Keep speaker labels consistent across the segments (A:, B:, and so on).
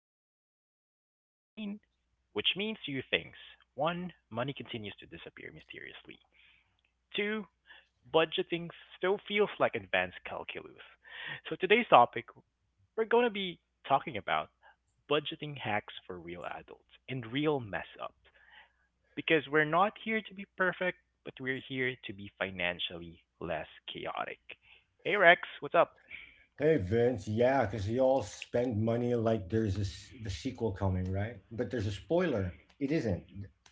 A: Vince, episode 17, which means two things. One, money continues to disappear mysteriously. Two, budgeting still feels like advanced calculus. So today's topic, we're going to be talking about budgeting hacks for real adults and real mess ups. Because we're not here to be perfect, but we're here to be financially less chaotic. Hey, Rex, what's up?
B: Hey Vince, yeah, because you all spend money like there's this the sequel coming, right? But there's a spoiler. It isn't,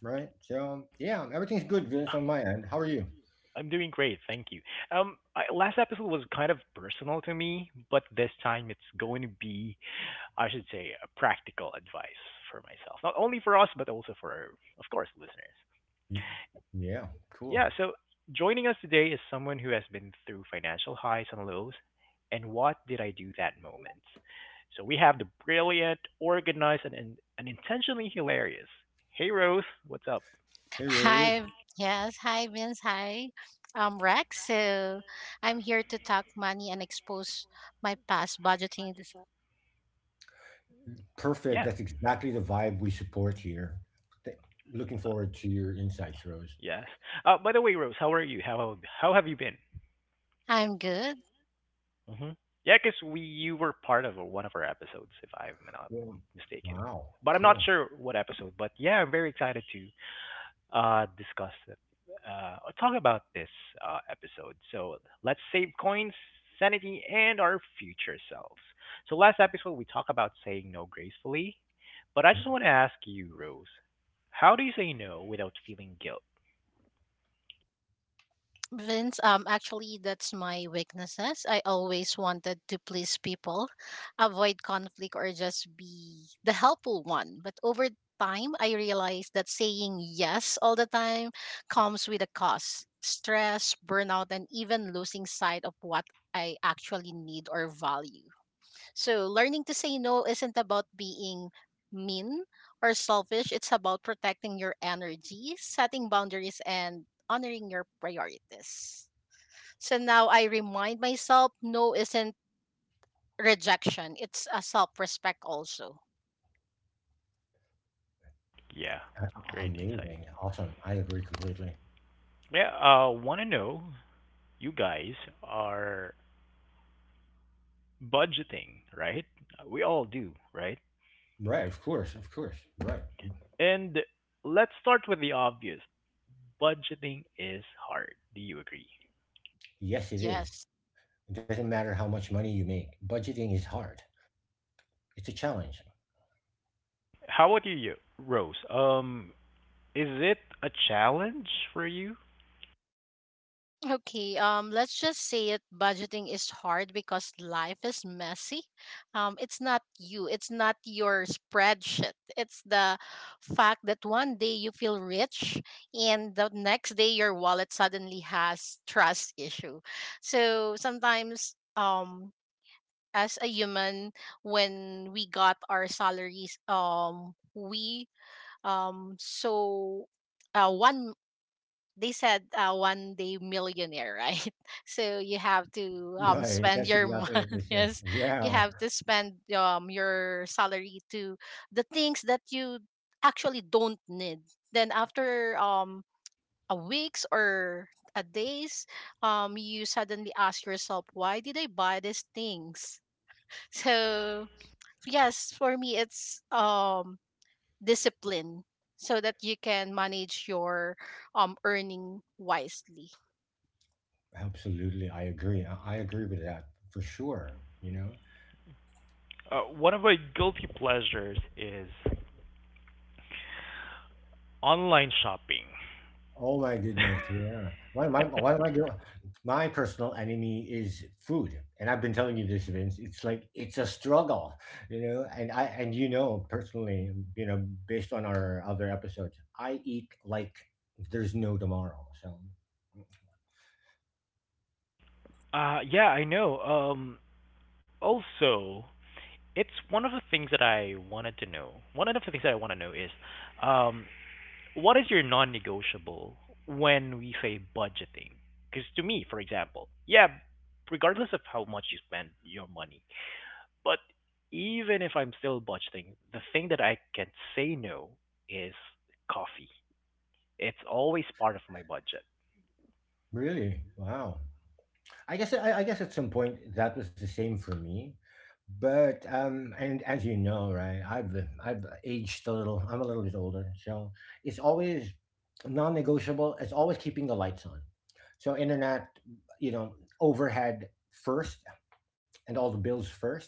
B: right? So yeah, everything's good, Vince, on my end. How are you?
A: I'm doing great, thank you. Last episode was kind of personal to me, but this time it's going to be, I should say, a practical advice for myself. Not only for us, but also for, of course, listeners.
B: Y- Yeah, cool.
A: Yeah, so joining us today is someone who has been through financial highs and lows, and what did I do that moment? So we have the brilliant, organized, and intentionally hilarious. Hey, Rose, what's up?
B: Hey Rose,
C: Hi, yes, hi Vince, hi. I'm Rex, so I'm here to talk money and expose my past budgeting.
B: perfect.
A: Yeah,
B: That's exactly the vibe we support here. Th- looking forward to your insights, Rose.
A: yes. By the way, Rose, how are you? How have you been?
C: I'm good.
A: hmm Yeah, because we you were part of one of our episodes, if I'm not
B: Well,
A: mistaken.
B: wow,
A: But I'm not
B: cool,
A: sure what episode. But yeah, I'm very excited to discuss it, or talk about this episode. So let's save coins, sanity, and our future selves. So last episode we talked about saying no gracefully, but I
B: right.
A: just want to ask you, Rose, how do you say no without feeling guilt?
C: Uh, Vince, actually, that's my weaknesses. I always wanted to please people, avoid conflict, or just be the helpful one. But over time, I realized that saying yes all the time comes with a cost stress, burnout, and even losing sight of what I actually need or value. So, learning to say no isn't about being mean or selfish, it's about protecting your energy, setting boundaries, and honoring your priorities. So, now I remind myself no isn't rejection, it's a self respect also.
A: Yeah,
B: A
A: great insight.
B: amazing, awesome. I agree completely.
A: Yeah, want to know you guys are budgeting, right? We all do, right?
B: Right, of course, right.
A: And let's start with the obvious. Budgeting is hard. Do you agree?
B: Yes, it
C: Yes.
B: is. It doesn't matter how much money you make. Budgeting is hard. It's a challenge.
A: How about you, Rose? Is it a challenge for you?
C: Okay, let's just say it. Budgeting is hard because life is messy. It's not you. It's not your spreadsheet. It's the fact that one day you feel rich and the next day your wallet suddenly has trust issue. So sometimes, as a human, when we got our salaries, we so one they said one day millionaire, right? So you have to
B: Right.
C: spend
B: That's
C: your
B: exactly
C: money.
B: what they say.
C: Yes, you
B: Yeah,
C: have to spend your salary to the things that you actually don't need. Then after a weeks or a days, you suddenly ask yourself, why did I buy these things? So yes, for me it's discipline so that you can manage your earning wisely.
B: absolutely. I agree. I agree with that for sure. You know.
A: One of my guilty pleasures is online shopping.
B: Oh my goodness. Yeah. One of my girl, My personal enemy is food, and I've been telling you this, Vince. It's like it's a struggle. And I and you know personally, based on our other episodes, I eat like there's no tomorrow. So
A: Yeah, I know. Also, it's one of the things that I wanted to know. One of the things that I want to know is, um, what is your non-negotiable when we say budgeting? Because to me, for example, yeah, regardless of how much you spend your money, but even if I'm still budgeting, the thing that I can say no is coffee. It's always part of my budget.
B: really, wow. I guess at some point that was the same for me, but and as you know, right, I've aged a little. I'm a little bit older, so it's always non-negotiable. It's always keeping the lights on. So internet, you know, overhead first, and all the bills first,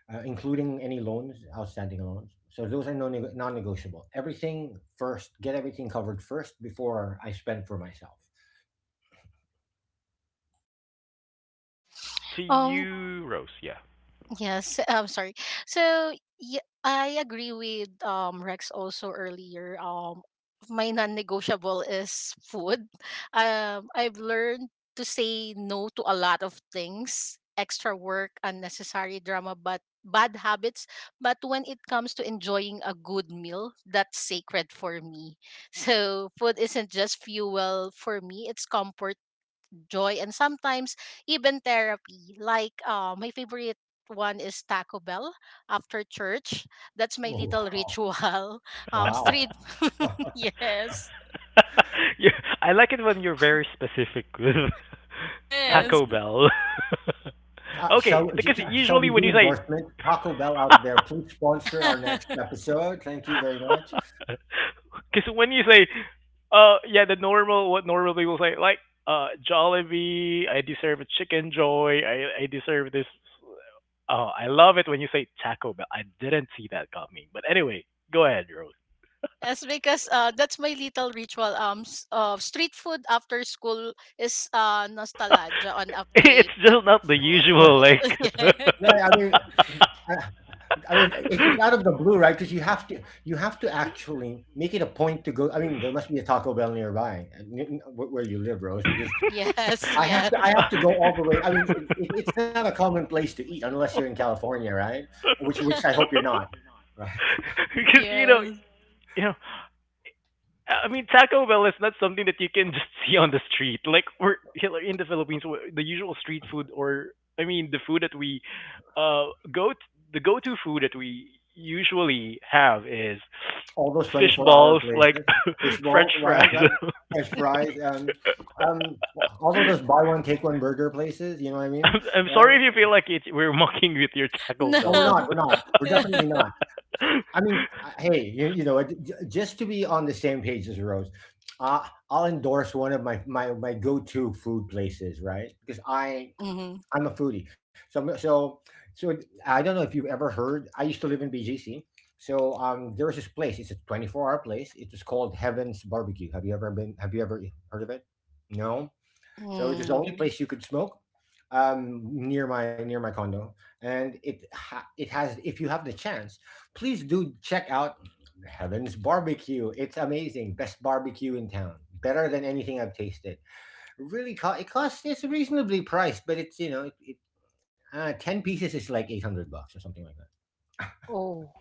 B: including any loans, outstanding loans. So those are non-negotiable. Everything first. Get everything covered first before I spend for myself.
A: To
C: Um.
A: you, Rose, yeah.
C: Yes. I'm sorry. So yeah, I agree with Rex also earlier. My non-negotiable is food. I've learned to say no to a lot of things, extra work, unnecessary drama, but bad habits. But when it comes to enjoying a good meal, that's sacred for me. So food isn't just fuel for me; it's comfort joy and sometimes even therapy. Like my favorite one is Taco Bell after church. That's my
B: Oh,
C: little
B: wow.
C: ritual.
B: Wow.
C: Street. yes.
A: you I like it when you're very specific with
B: Or
C: Yes.
A: Taco Bell.
B: uh, shall
A: Okay, because
B: shall we
A: usually
B: do
A: when you say
B: endorsement? Taco Bell out there, please sponsor our next episode. Thank you very much.
A: because when you say, yeah, the normal, what normal people say, like, Jollibee, I deserve a chicken joy, I deserve this. Oh, I love it when you say Taco Bell. I didn't see that coming. But anyway, go ahead, Rose.
C: Yes, because that's my little ritual. Street food after school is nostalgia on a
A: It's
C: plate.
A: just not the
B: Right,
A: usual, like.
B: right, I mean, I, I mean, it's out of the blue, right? Because you have to actually make it a point to go. I mean, there must be a Taco Bell nearby, where you live, Rose, because
C: yes,
B: I have
C: yes,
B: to. I have to go all the way. I mean, it's not a common place to eat unless you're in California, right? Which I
C: yes.
B: hope you're not. Right.
A: Because, you know, I mean, Taco Bell is not something that you can just see on the street. Like we're here in the Philippines, we're the usual street food, or I mean, the food that we uh go t- the go-to food that we usually have is
B: All those
A: fish
B: 24-hour
A: balls, like
B: places,
A: French
B: fishbowl, right,
A: fries.
B: right, fresh fries, and all of those buy one take one burger places. You know what I
A: I'm,
B: mean?
A: I'm sorry if
B: Right?
A: you feel like it's we're mocking with your Taco
B: No,
C: No.
B: we're
A: Bell,
B: not.
A: but
B: We're not. We're definitely not. I mean, hey, just to be on the same page as Rose, I'll endorse one of my go to food places, right? Because I
C: Mm-hmm.
B: I'm a foodie. So I don't know if you've ever heard. I used to live in BGC. So there was this place. It's a 24-hour place. It was called Heaven's Barbecue. Have you ever been? Have you ever heard of it? No. So it
C: Mm,
B: was the only
C: no.
B: place you could smoke, near my condo, and it has. If you have the chance, please do check out Heaven's Barbecue. It's amazing. Best barbecue in town. Better than anything I've tasted, really. It costs, it's reasonably priced, but it's you know it, 10 pieces is like 800 bucks or something like that.
C: Oh.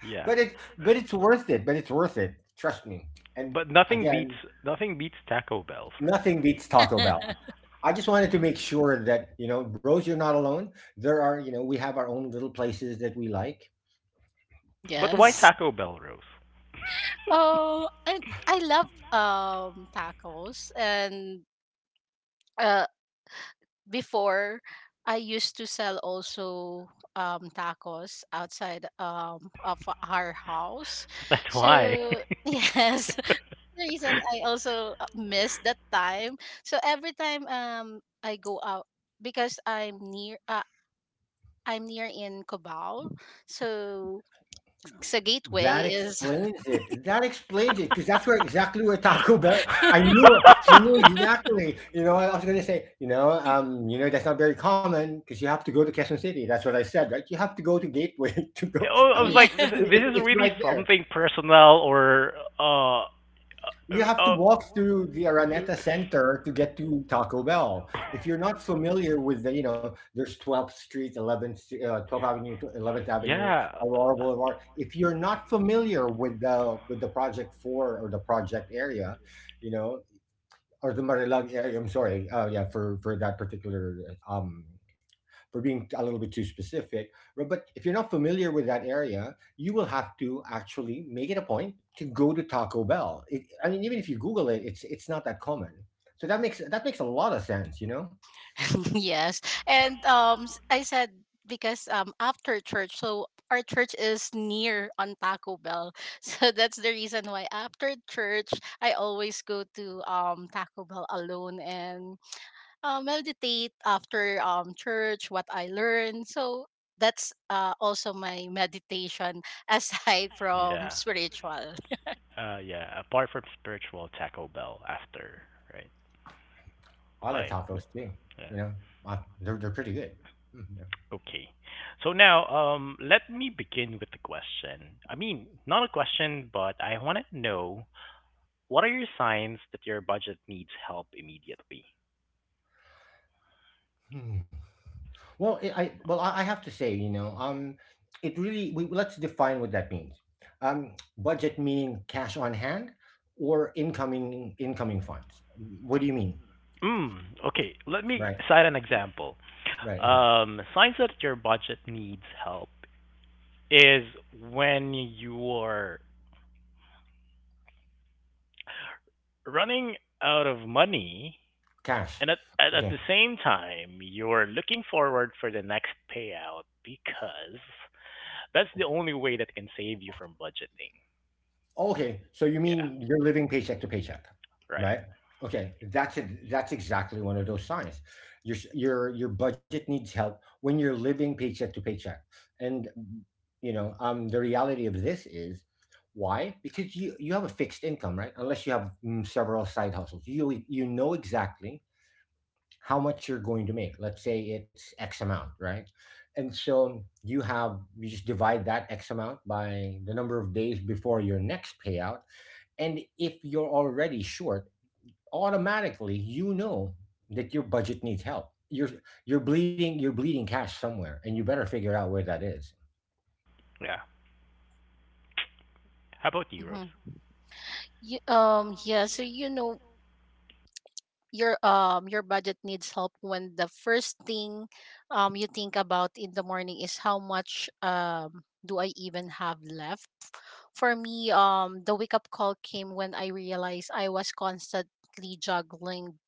A: yeah,
B: But it's worth it. But it's worth it. Trust me. And
A: but nothing beats
B: again,
A: nothing beats Taco Bell for me.
B: nothing beats Taco Bell. I just wanted to make sure that you know, bros, you're not alone. There are, you know, We have our own little places that we like.
A: But why
C: Yes.
A: Taco Bell, Rose?
C: Oh, I love tacos and uh before I used to sell also tacos outside of our house.
A: That's why.
C: So, yes. The reason I also miss that time. So every time I go out because I'm near in Cubao. So, so Gateway
B: That
C: is
B: explains it. That explains it because that's where exactly where Taco Bell. I knew, I knew exactly. You know, I was gonna say, that's not very common because you have to go to Quezon City. That's what I said, right? You have to go to Gateway to go.
A: I
B: I
A: was
B: mean,
A: like, this,
C: yes.
B: it,
A: this
B: it,
A: is
B: it's
A: really
B: right there.
A: something personal or uh, uh,
B: You have to
A: uh,
B: walk through the Araneta Center to get to Taco Bell. If you're not familiar with there's 12th Street, 11th, 12th Avenue, 11th Avenue,
A: yeah,
B: Aurora Boulevard. If you're not familiar with the Project Four or the project area, you know, or the Marilag area, I'm sorry, yeah, for that particular, um for being a little bit too specific. Right? But if you're not familiar with that area, you will have to actually make it a point to go to Taco Bell. I mean, even if you Google it, it's not that common. So that makes a lot of sense. You know,
C: yes. And I said because after church, so our church is near on Taco Bell. So that's the reason why after church I always go to Taco Bell alone and meditate after church what I learned. So that's also my meditation aside from
A: yeah,
C: spiritual.
A: yeah. Apart from spiritual, Taco Bell after, right?
B: I like
A: Like,
B: tacos too.
A: yeah,
B: You know, they're pretty good. Mm, yeah.
A: okay. So now, let me begin with the question. I mean, not a question, but I want to know what are your signs that your budget needs help immediately?
B: Hmm. Well, it, I well I have to say, let's define what that means. Budget meaning cash on hand or incoming funds. What do you mean?
A: Mm, okay, let me
B: Right.
A: cite an example.
B: Right. Okay.
A: Signs that your budget needs help is when you are running out of money
B: Cash.
A: and at
B: Okay.
A: the same time you're looking forward for the next payout because that's the only way that can save you from budgeting.
B: Okay. So you
A: Yeah,
B: mean you're living paycheck to paycheck,
A: right.
B: right? Okay. That's it. That's exactly one of those signs. Your s- your budget needs help when you're living paycheck to paycheck, and the reality of this is, why? Because you have a fixed income, right, unless you have, several side hustles. You know exactly how much you're going to make. Let's say it's X amount, right? And so you just divide that X amount by the number of days before your next payout. And if you're already short, automatically you know that your budget needs help. You're bleeding cash somewhere, and you better figure out where that is.
A: Yeah. How about you, Rose?
C: Mm-hmm. Yeah, so you know your budget needs help when the first thing you think about in the morning is how much do I even have left? For me, the wake up call came when I realized I was constantly juggling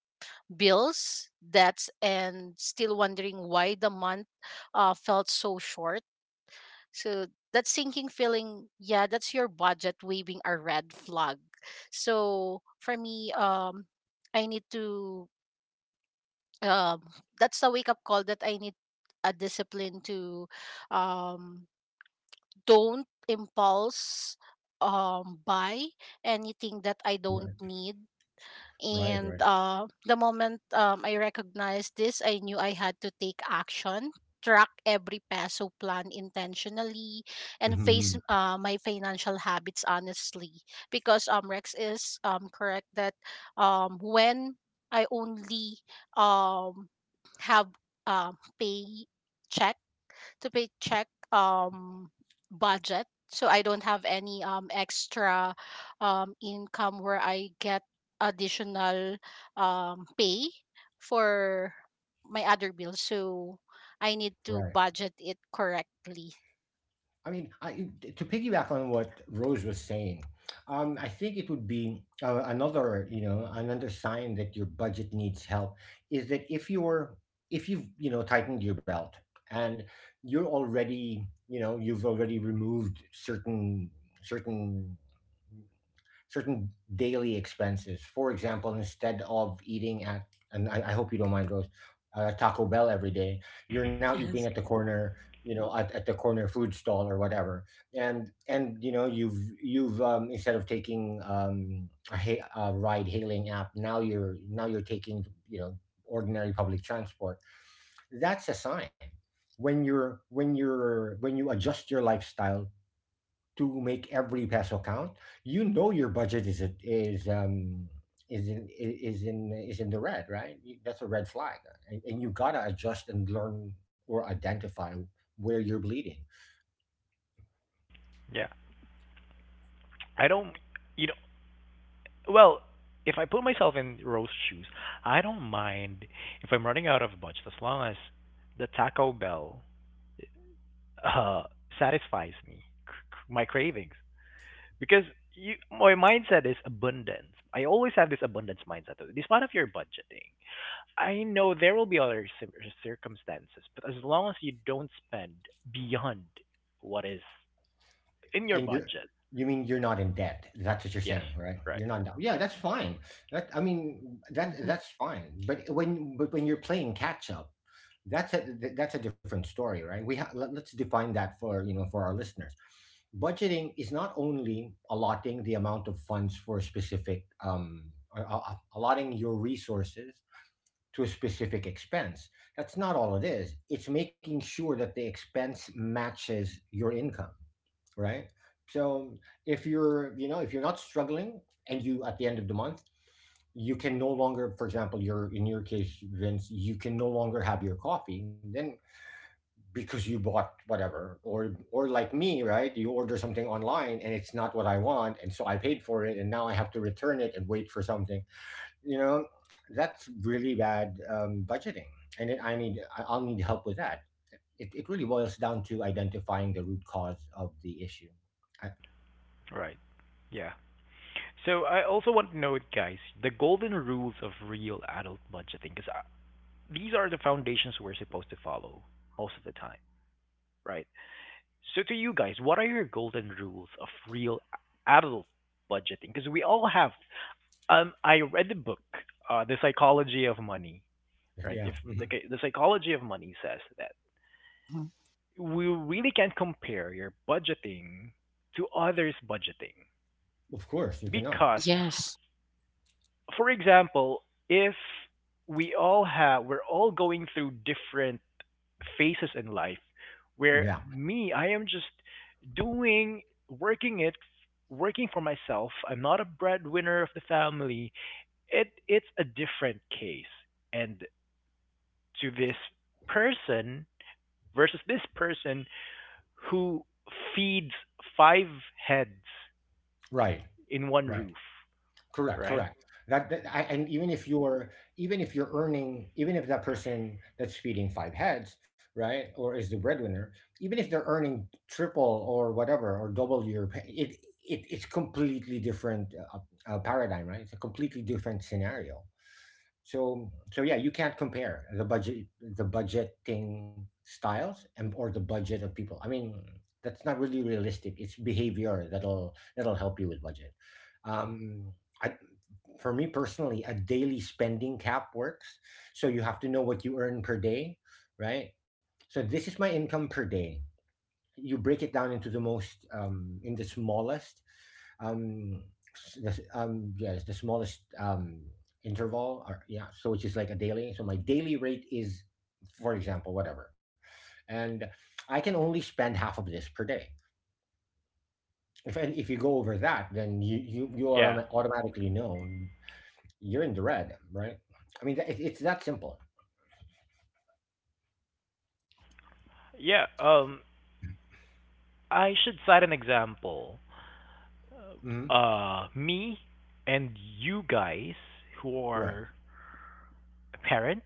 C: bills, debts and still wondering why the month felt so short. So that sinking feeling, yeah, that's your budget waving a red flag. So for me, I need to um that's the wake up call that I need a discipline to um don't impulse buy anything that I don't
B: Right,
C: need
B: right,
C: and
B: right.
C: the moment I recognized this, I knew I had to take action, track every peso, plan intentionally, and
B: Mhm.
C: face my financial habits honestly. Because Rex is correct that when I only um, have pay to paycheck budget so I don't have any extra income where I get additional pay for my other bills so I need to budget it correctly.
B: I mean, to piggyback on what Rose was saying, I think it would be, another sign that your budget needs help is that if you've tightened your belt and you've already removed certain certain daily expenses. For example, instead of eating at, and I hope you don't mind, Rose, Taco Bell every day, you're now eating at
C: Yes.
B: the corner, at the corner food stall or whatever. And you know, you've instead of taking, a ride hailing app, now you're taking, ordinary public transport. That's a sign. When you adjust your lifestyle to make every peso count, you know your budget is a, is is in is in is in the red, right? That's a red flag, and, you gotta adjust and learn or identify where you're bleeding.
A: Yeah. I don't, you know. Well, if I put myself in Rose's shoes, I don't mind if I'm running out of budget as long as the Taco Bell uh, satisfies me, my cravings. Because my mindset is abundance. I always have this abundance mindset. This part of your budgeting. I know there will be other circumstances, but as long as you don't spend beyond what is in your
B: And you
A: budget,
B: you mean you're not in debt? That's what you're
A: yes,
B: saying, right?
A: right,
B: You're not in debt. Yeah, that's fine. That I mean, that
C: Hmm.
B: that's fine. But when you're playing catch up, that's a different story, right? Let's define that for for our listeners. Budgeting is not only allotting the amount of funds for a specific, or, allotting your resources to a specific expense. That's not all it is. It's making sure that the expense matches your income, right? So if you're not struggling, and you, at the end of the month, you can no longer, for example, you're in your case, Vince, you can no longer have your coffee, then because you bought whatever, or like me, right? You order something online and it's not what I want, and so I paid for it, and now I have to return it and wait for something. You know, that's really bad, budgeting, and it, I need I- I'll need help with that. It really boils down to identifying the root cause of the issue.
A: right, yeah. So I also want to note, guys, the golden rules of real adult budgeting, because these are the foundations we're supposed to follow most of the time, right? So to you guys, what are your golden rules of real adult budgeting? Because we all have. I read the book, The Psychology of Money, right?
B: Yeah,
A: If
B: mhm.
A: okay, the psychology of money says that
C: Hmm.
A: we really can't compare your budgeting to others' budgeting
B: Of course, you cannot.
A: because
C: Yes.
A: for example, if we're all going through different phases in life, where
B: Yeah,
A: me, I am just doing, working it, working for myself. I'm not a breadwinner of the family. It, it's a different case. And to this person versus this person who feeds five heads
B: right,
A: in one
B: right.
A: roof,
B: Correct,
A: right?
B: correct. And even if you're, earning, even if that person that's feeding five heads, right, or is the breadwinner, even if they're earning triple or whatever or double your pay, it's completely different, paradigm, right? It's a completely different scenario. So yeah, you can't compare the budgeting styles, and or the budget of people. I mean, that's not really realistic. It's behavior that'll help you with budget, um I, for me personally, a daily spending cap works. So you have to know what you earn per day, right? So this is my income per day. You break it down into the most, in the smallest, um s- the, s- yes, the smallest interval, or which is like a daily. So my daily rate is, for example, whatever, and I can only spend half of this per day. If and if you go over that, then you you you
A: Yeah.
B: autom- automatically know you're in the red, right? I mean, it's that simple.
A: Yeah. I should cite an example.
B: Hmm.
A: Me and you guys who
B: Right.
A: are parents,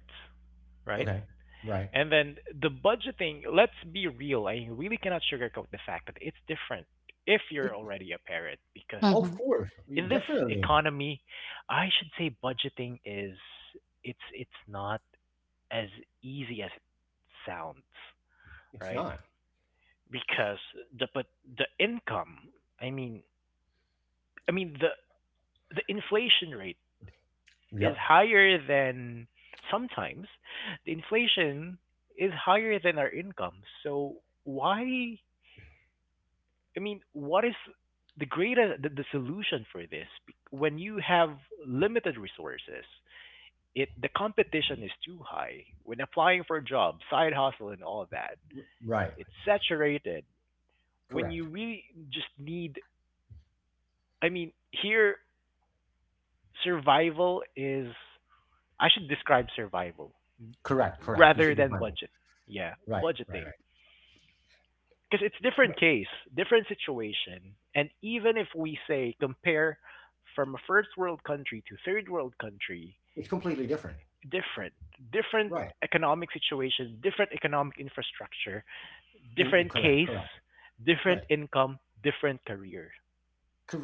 A: right?
B: Okay. Right.
A: And then the budgeting, let's be real. I really cannot sugarcoat the fact that it's different if
B: it,
A: you're already a parent because
B: of course.
A: in this
B: Definitely.
A: economy, I should say budgeting is it's not as easy as it sounds,
B: It's
A: right?
B: not.
A: Because the but the income, I mean, I mean the inflation rate is
B: Yep.
A: higher than sometimes the inflation is higher than our income. So why? I mean, what is the solution for this? When you have limited resources, it the competition is too high. When applying for jobs, side hustle, and all that,
B: Right.
A: it's saturated. When you
B: Correct.
A: really just need, I mean, here survival is I should describe survival
B: Correct, correct. You
A: rather
B: should
A: than
B: define it.
A: budget. Yeah,
B: Right, right, right.
A: budgeting. Because it's different case, different situation. And even if we say compare from a first world country to third world country,
B: It's completely different.
A: different, different
B: Right.
A: economic situation, different economic infrastructure, different
B: Correct,
A: case,
B: correct. Right.
A: different income, different career,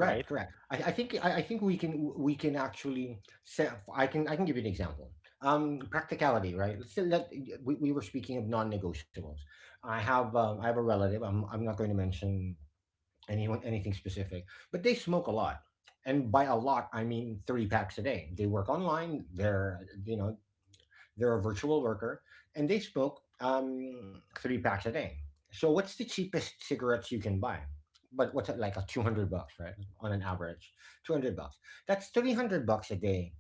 A: right?
B: correct. I think we can actually set I can give you an example. Practicality, right? Let's say, let we were speaking of non-negotiables. I have a relative. I'm not going to mention anyone anything specific, but they smoke a lot. And by a lot, I mean three packs a day. They work online. They're a virtual worker, and they smoke three packs a day. So what's the cheapest cigarettes you can buy? But what's it, like, a 200 bucks, right? On an average, 200 bucks. That's 300 bucks a day,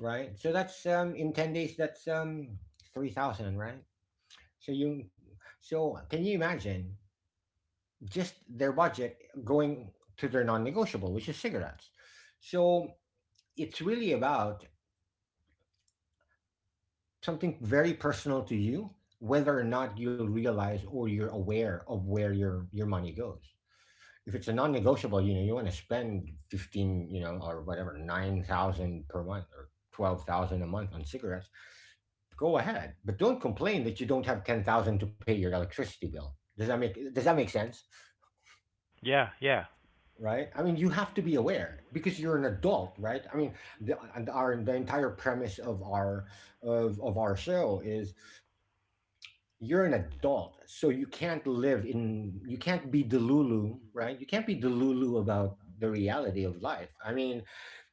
B: right? So that's, in 10 days, that's, 3,000, right? So you, so can you imagine just their budget going to their non-negotiable, which is cigarettes? So it's really about something very personal to you, whether or not you'll realize or you're aware of where your money goes. If it's a non-negotiable, you know, you want to spend 15, or whatever, 9,000 per month or 12,000 a month on cigarettes. Go ahead, but don't complain that you don't have 10,000 to pay your electricity bill. Does that make sense?
A: Yeah, yeah,
B: Right? I mean, you have to be aware because you're an adult, right? I mean, the, and our the entire premise of our show is you're an adult, so you can't be delulu, right? You can't be delulu about the reality of life. I mean,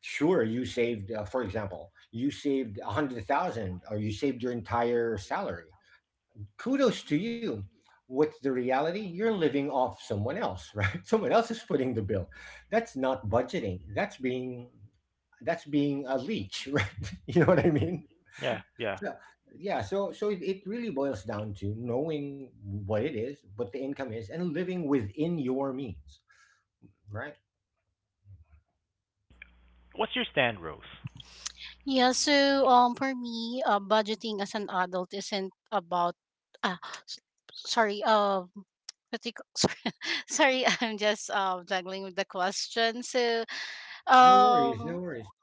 B: sure, you saved, for example, you saved 100,000, or you saved your entire salary, kudos to you. With the reality, you're living off someone else, right? Someone else is footing the bill. That's not budgeting, that's being, that's being a leech. Right? You know what I mean?
A: yeah.
B: So, yeah, so it really boils down to knowing what it is, what the income is, and living within your means, right?
A: What's your stand, Rose?
C: Yeah, so for me, budgeting as an adult isn't about ah s- sorry, what do you ca- sorry, sorry, I'm just juggling with the question. So
B: No worries,
C: um
B: no worries.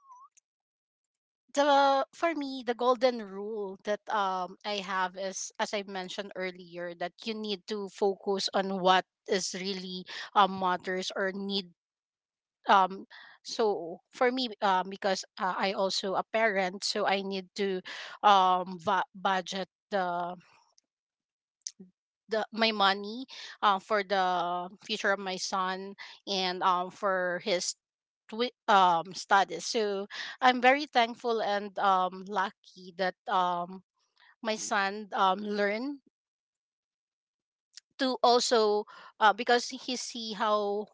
C: the for me the golden rule that I have is as I mentioned earlier that you need to focus on what is really matters or need um so for me because I also a parent so I need to budget the my money for the future of my son and for his studies so I'm very thankful and lucky that my son learn. To also because he see how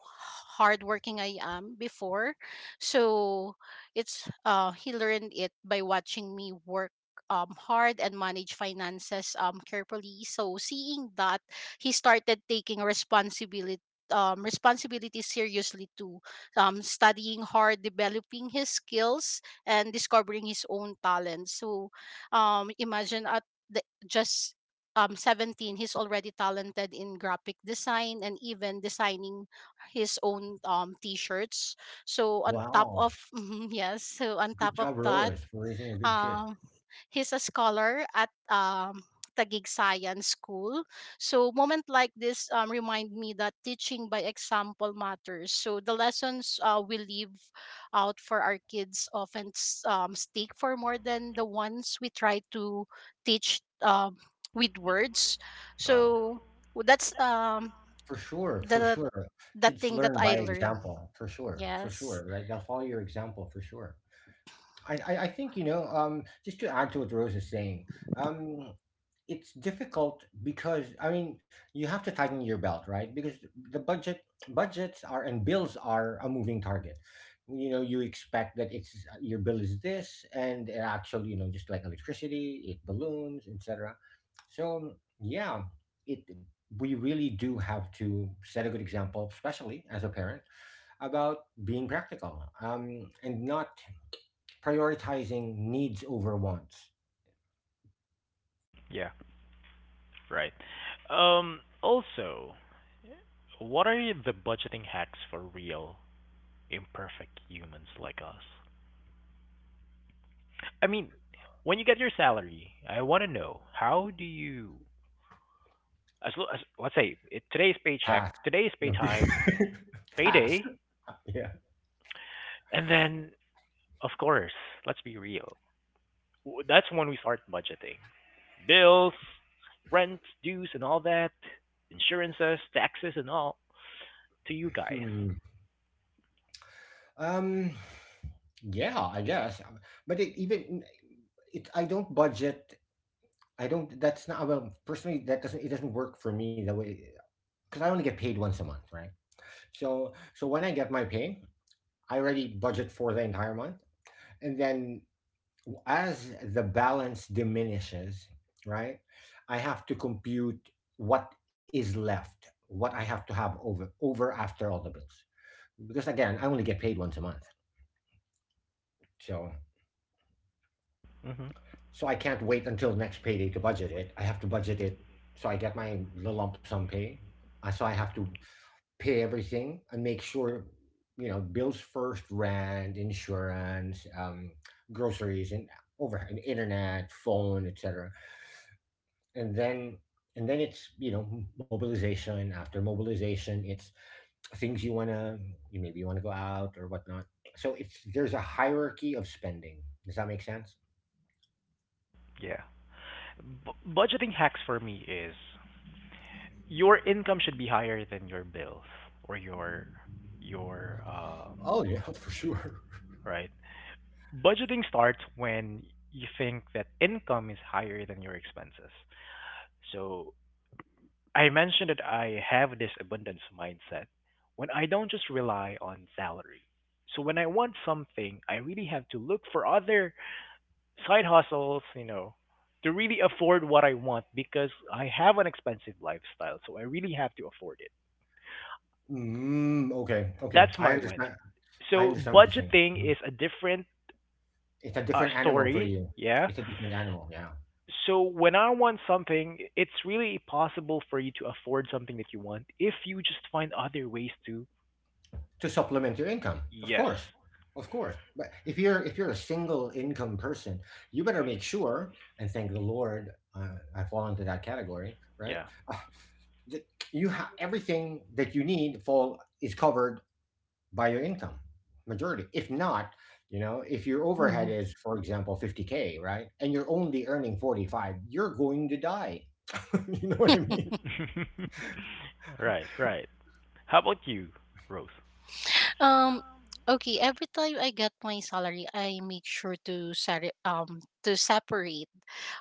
C: hardworking I am before, so it's he learned it by watching me work hard and manage finances carefully. So seeing that, he started taking responsibility responsibility seriously too, studying hard developing his skills and discovering his own talents, so imagine at just 17 he's already talented in graphic design and even designing his own t-shirts so on top
B: Wow.
C: of yes so on top
B: Good
C: of
B: job,
C: that,
B: Rose, for raising a good kid.
C: um, he's a scholar at Taguig Science School. So moment like this remind me that teaching by example matters. So the lessons we leave out for our kids often stick for more than the ones we try to teach with words.
A: Wow.
C: So that's
B: For sure, for
C: the
B: sure.
C: the
B: Kids
C: thing that
B: learn
C: I
B: by
C: learned.
B: example, for
C: Yes.
B: sure, right? They'll follow your example, for sure. I think, just to add to what Rose is saying, um, it's difficult. Because I mean, you have to tighten your belt, right? Because the budget budgets are and bills are a moving target. You know, you expect that it's your bill is this, and it actually, you know, just like electricity, it balloons, etc. So, yeah, it we really do have to set a good example, especially as a parent, about being practical, and not prioritizing needs over wants.
A: Yeah, right. Also, what are the budgeting hacks for real, imperfect humans like us? I mean, when you get your salary, I want to know how do you, as, lo- as let's say it, today's
B: Pass.
A: paycheck, today's pay
B: No.
A: time,
B: Pass.
A: payday,
B: Yeah.
A: and then of course, let's be real. That's when we start budgeting bills, rent, dues, and all that, insurances, taxes, and all to you guys.
B: Hmm. Um. Yeah, I guess. But I don't budget. I don't. That's not, well, personally, that doesn't, it doesn't work for me that way. Because I only get paid once a month, right? So when I get my pay, I already budget for the entire month, and then as the balance diminishes, right? I have to compute what is left, what I have to have over after all the bills, because again, I only get paid once a month, so
A: hmm
B: I can't wait until next payday to budget it. I have to budget it, so I get my lump sum pay. So I have to pay everything and make sure, you know, bills first, rent, insurance, groceries, and over, and internet, phone, etc. and then and then it's, you know, mobilization after mobilization. It's things you want to, you maybe you want to go out or whatnot. So, it's there's a hierarchy of spending. Does that make sense?
A: Yeah. B- budgeting hacks for me is your income should be higher than your bills or your your um
B: Oh yeah, for sure.
A: right, budgeting starts when you think that income is higher than your expenses. So I mentioned that I have this abundance mindset when I don't just rely on salary. So when I want something I really have to look for other side hustles, you know, to really afford what I want because I have an expensive lifestyle, so I really have to afford it.
B: Okay, okay,
A: That's
B: I
A: my
B: understand.
A: mindset.
B: I
A: So
B: understand what you're saying.
A: budgeting
B: Mhm.
A: is a different
B: It's a different animal for
A: story.
B: you.
A: Yeah.
B: It's a different animal, yeah.
A: So when I want something, it's really possible for you to afford something that you want if you just find other ways to.
B: To supplement your income. Of
A: Yes.
B: course. Of course. But if you're a single income person, you better make sure and thank the Lord, I fall into that category, right?
A: Yeah.
B: Uh, that you have everything that you need fall is covered by your income majority. If not, you know, if your overhead
C: Mhm.
B: is, for example, 50K, right? And you're only earning 45, you're going to die. You know what I mean?
A: Right. Right. How about you, Rose?
C: Um, okay. Every time I get my salary, I make sure to set to separate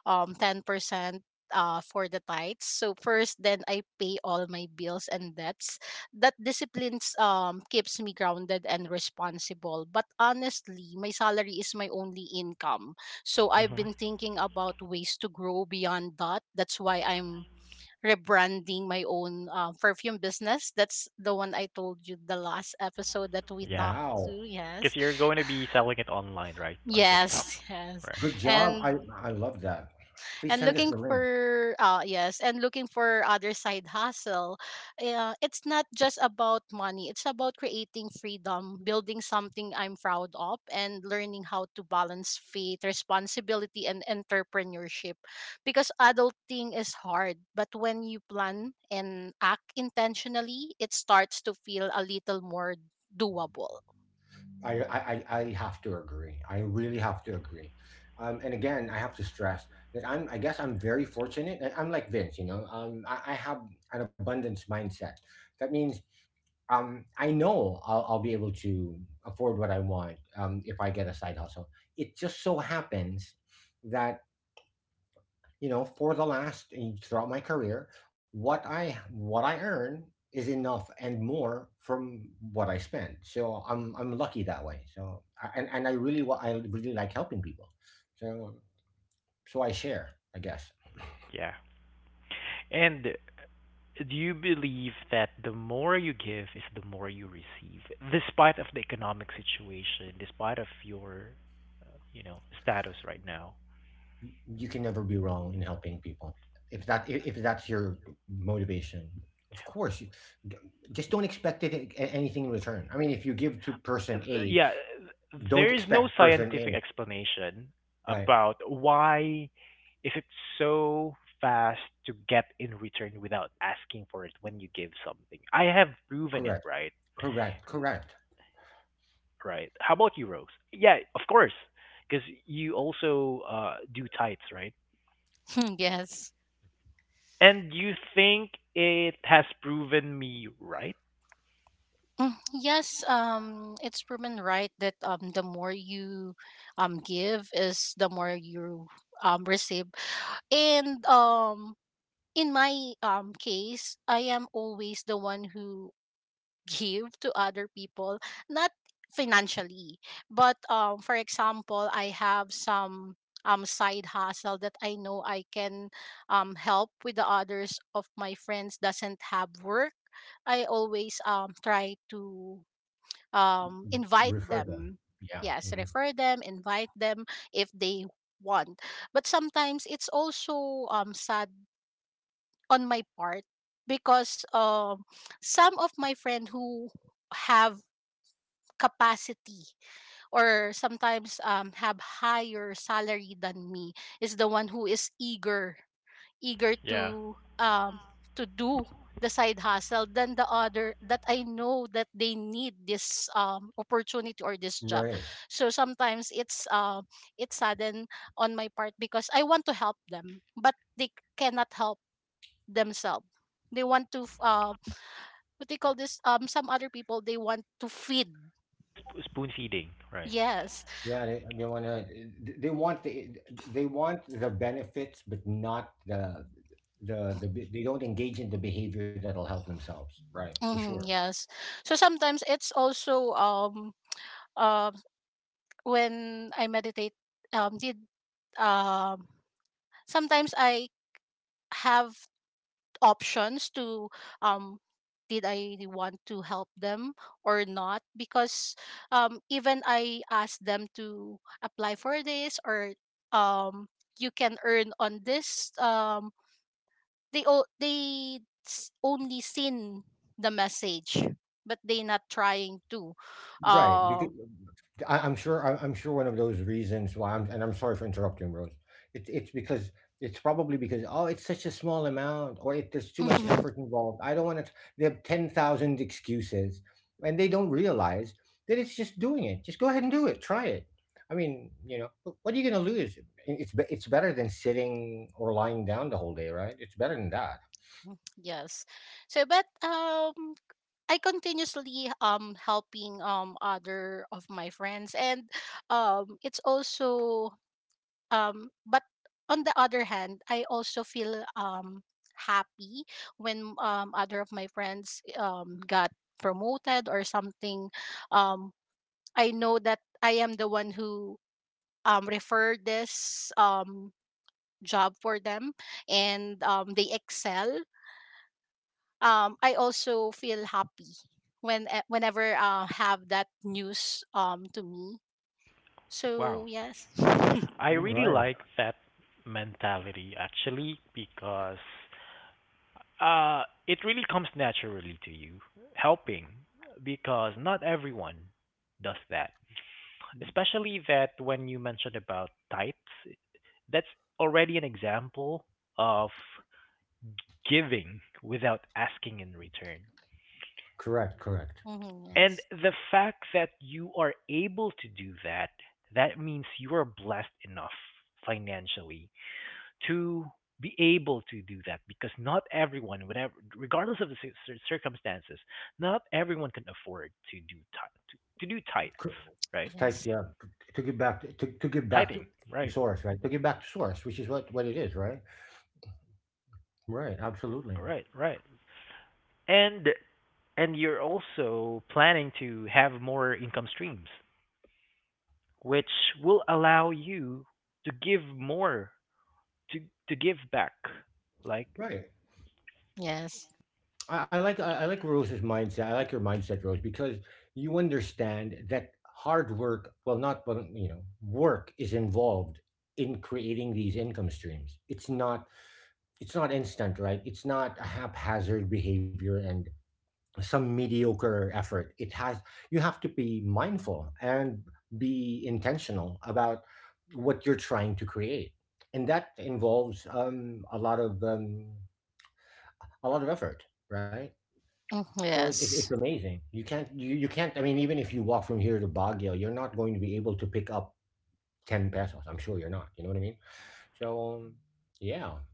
C: 10% for the tithes. So first, then I pay all my bills and debts. That disciplines keeps me grounded and responsible. But honestly, my salary is my only income. So I've been
A: hmm
C: thinking about ways to grow beyond that. That's why I'm rebranding my own perfume business. That's the one I told you the last episode that we
A: Yeah.
C: talked to.
B: Wow.
C: Yes. Yes.
A: Because you're going to be selling it online, right? On TikTok.
C: Yes.
A: Right.
B: Good job.
C: And
B: I love that. Please
C: and
B: send us
C: looking
B: the link.
C: for yes and looking for other side hustle. It's not just about money, it's about creating freedom, building something I'm proud of, and learning how to balance faith, responsibility and entrepreneurship, because adulting is hard, but when you plan and act intentionally it starts to feel a little more doable.
B: I have to agree. I really have to agree. And again, I have to stress that I guess I'm very fortunate. And I'm like Vince, you know. I have an abundance mindset. That means, I know I'll be able to afford what I want, if I get a side hustle. It just so happens that, you know, for the last, throughout my career, what I earn is enough and more from what I spend. So I'm lucky that way. And I really like helping people. So so I share, I guess.
A: Yeah. And do you believe that the more you give is the more you receive despite of the economic situation, despite of your, you know, status right now?
B: You can never be wrong in helping people if if that's your motivation. Of course, d- just don't expect anything in return. I mean, if you give to person A,
A: Yeah,
B: don't
A: there is
B: expect
A: no
B: person A.
A: scientific explanation
B: Right?
A: about why is it so fast to get in return without asking for it when you give something. I have proven it,
B: Correct.
A: right?
B: Correct. Correct.
A: Right. How about you, Rose? Yeah, of course. Because you also, do types, right?
C: Yes.
A: And you think it has proven me right?
C: Mm, yes, it's proven right that the more you give is the more you receive. And in my case, I am always the one who give to other people, not financially, but for example, I have some side hustle that I know I can help with the others of my friends doesn't have work. I always try to invite
B: Refer them,
C: them.
B: yeah.
C: Yes,
B: Hmm.
C: refer them, invite them if they want, but sometimes it's also sad on my part because some of my friend who have capacity or sometimes have higher salary than me is the one who is eager
A: Yeah.
C: to do the side hustle than the other that I know that they need this opportunity or this job.
B: Right.
C: So sometimes it's sudden on my part because I want to help them, but they cannot help themselves. They want to what they call this some other people they want to feed.
A: Sp- Spoon feeding, right?
C: Yes.
B: Yeah, they want to, they want the they want the benefits but not, they don't engage in the behavior that'll help themselves, right? For
C: Mm,
B: sure.
C: yes. So sometimes it's also um when I meditate, did um, sometimes I have options to, um, did I want to help them or not? Because even I asked them to apply for this or, um, you can earn on this. They only seen the message, but they not trying to.
B: Right,
C: Uh,
B: because I'm sure one of those reasons why I'm and I'm sorry for interrupting, Rose. It's it's because it's probably because, oh, it's such a small amount, or, there's too much effort involved. I don't want to. They have 10,000 excuses, and they don't realize that it's just doing it. Just go ahead and do it. Try it. I mean, you know, what are you going to lose? It's better than sitting or lying down the whole day, right? It's better than that.
C: yes. So, but I continuously helping other of my friends and it's also but on the other hand I also feel happy when other of my friends got promoted or something, um I know that I am the one who referred this job for them and they excel, I also feel happy when eh, whenever have that news to me.
A: Wow.
C: So yes.
A: I really
B: Right.
A: like that mentality actually because uh it really comes naturally to you helping because not everyone does that. Especially that when you mentioned about types, that's already an example of giving without asking in return.
B: Correct. Correct.
C: Hmm.
A: And
C: Yes,
A: the fact that you are able to do that, that means you are blessed enough financially to be able to do that because not everyone, whatever, regardless of the circumstances, not everyone can afford to do to do tights,
B: To
A: right?
B: take,
C: yes,
B: yeah, to give back to give back to
A: Tighting, right,
B: source, right? To give back to source, which is what it is. Right. Right. Absolutely.
A: right, right. And and you're also planning to have more income streams, which will allow you to give more to give back like
B: Right.
C: yes.
B: I like Rose's mindset. I like your mindset, Rose, because you understand that hard work, well, not, but, you know, work is involved in creating these income streams. It's not instant, right? It's not a haphazard behavior and some mediocre effort. It has You have to be mindful and be intentional about what you're trying to create. And that involves, a lot of, a lot of effort, right?
C: Mhm,
B: So it, it's
C: yes,
B: it's amazing. You can't, I mean, even if you walk from here to Baguio, you're not going to be able to pick up 10 pesos, I'm sure you're not. You know what I mean? So, yeah,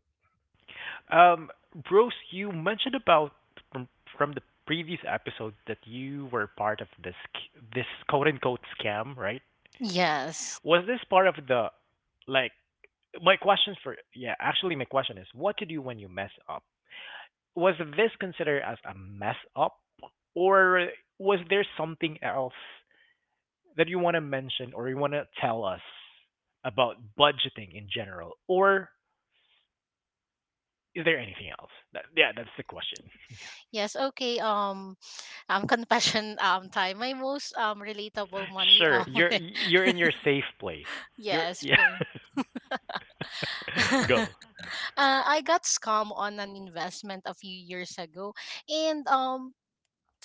A: um Rose, you mentioned about from, from the previous episode that you were part of this this quote unquote scam, right?
C: yes,
A: Was this part of the like my question for yeah actually my question is what to do when you mess up. Was this considered as a mess up or was there something else that you want to mention or you want to tell us about budgeting in general, or is there anything else? That, yeah, that's the question.
C: yes. Okay. Confession. Time. My most relatable money.
A: Sure, you're you're in your safe place. You're
C: Yes,
A: yeah.
C: fail.
A: Go.
C: uh, I got scammed on an investment a few years ago, and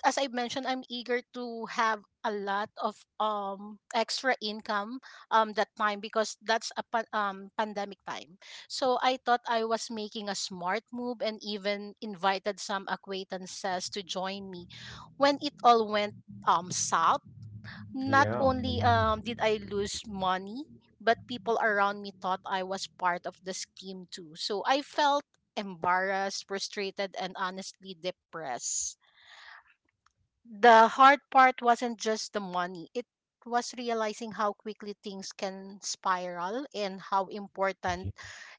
C: as I mentioned, I'm eager to have a lot of extra income that time because that's a pandemic time. So I thought I was making a smart move and even invited some acquaintances to join me. When it all went south, not
B: yeah.
C: only
B: Mhm.
C: did I lose money, but people around me thought I was part of the scheme too. So I felt embarrassed, frustrated, and honestly depressed. The hard part wasn't just the money, it was realizing how quickly things can spiral and how important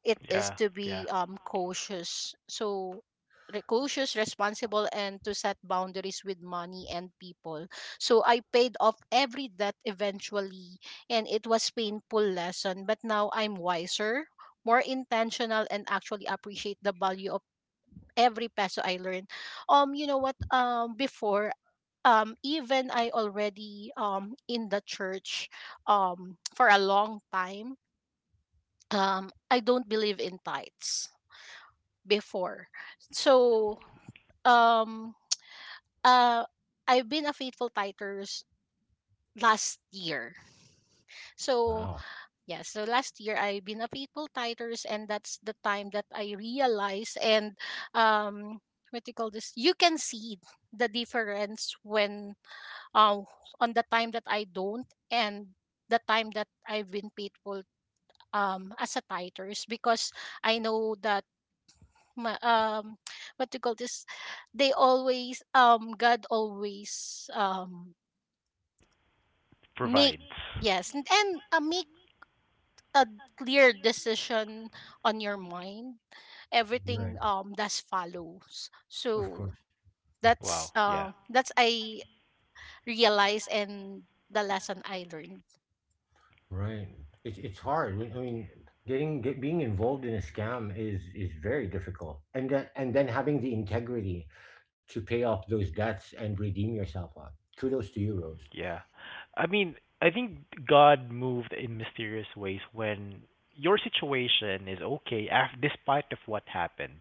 C: it is
A: Yeah,
C: to
A: yeah.
C: be cautious. So, cautious, responsible, and to set boundaries with money and people. So, I paid off every debt eventually, and it was painful lesson. But now I'm wiser, more intentional, and actually appreciate the value of every peso I learn. You know what? Before, even I already in the church, for a long time. I don't believe in tithes before, so um, uh, I've been a faithful titers last year.
B: Wow.
C: So yeah, so last year I've been a faithful titers, and that's the time that I realized. And um what do you call this? You can see the difference when uh on the time that I don't, and the time that I've been faithful as a titers, because I know that my, um, what do you call this? They always God always make,
A: Provides.
C: yes, and make a clear decision on your mind,
B: You're right.
C: everything does follows.
B: Of
C: So
B: course.
C: that's
A: Wow. Yeah.
C: I realized, and the lesson I learned.
B: Right. It's hard. I mean, being involved in a scam is very difficult, and then having the integrity to pay off those debts and redeem yourself on. Kudos to you, Rose.
A: Yeah. I mean, I think God moved in mysterious ways when your situation is okay despite of what happened.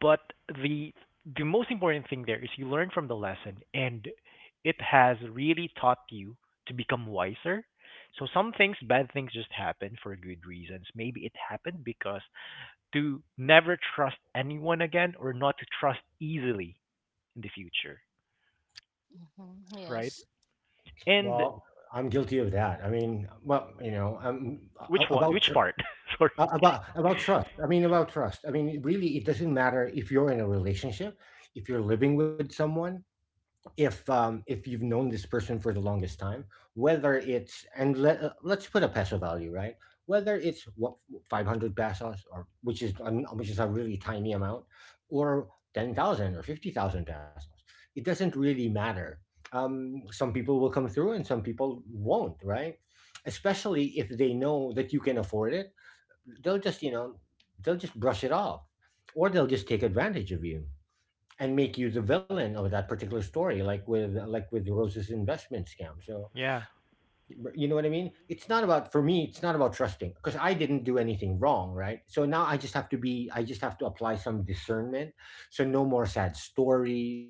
A: But the the most important thing there is you learn from the lesson and it has really taught you to become wiser. So some things, bad things just happen for good reasons. Maybe it happened because to never trust anyone again or not to trust easily in the future,
C: Hmm,
A: right?
C: yes.
A: And
B: Well, I'm guilty of that. I mean, well, you know, about
A: which part? Sorry.
B: about trust. I mean, about trust. I mean, really, it doesn't matter if you're in a relationship, if you're living with someone, if you've known this person for the longest time, whether it's, and let's put a peso value, right? Whether it's what, 500 pesos, or which is a really tiny amount, or 10,000 or 50,000 pesos, it doesn't really matter. Some people will come through and some people won't, right? Especially if they know that you can afford it, they'll just you know they'll just brush it off, or they'll just take advantage of you and make you the villain of that particular story, like with Rose's investment scam, so,
A: Yeah.
B: you know what I mean? It's not about for me. It's not about trusting because I didn't do anything wrong, right? So now I just have to be. I just have to apply some discernment. So no more sad stories.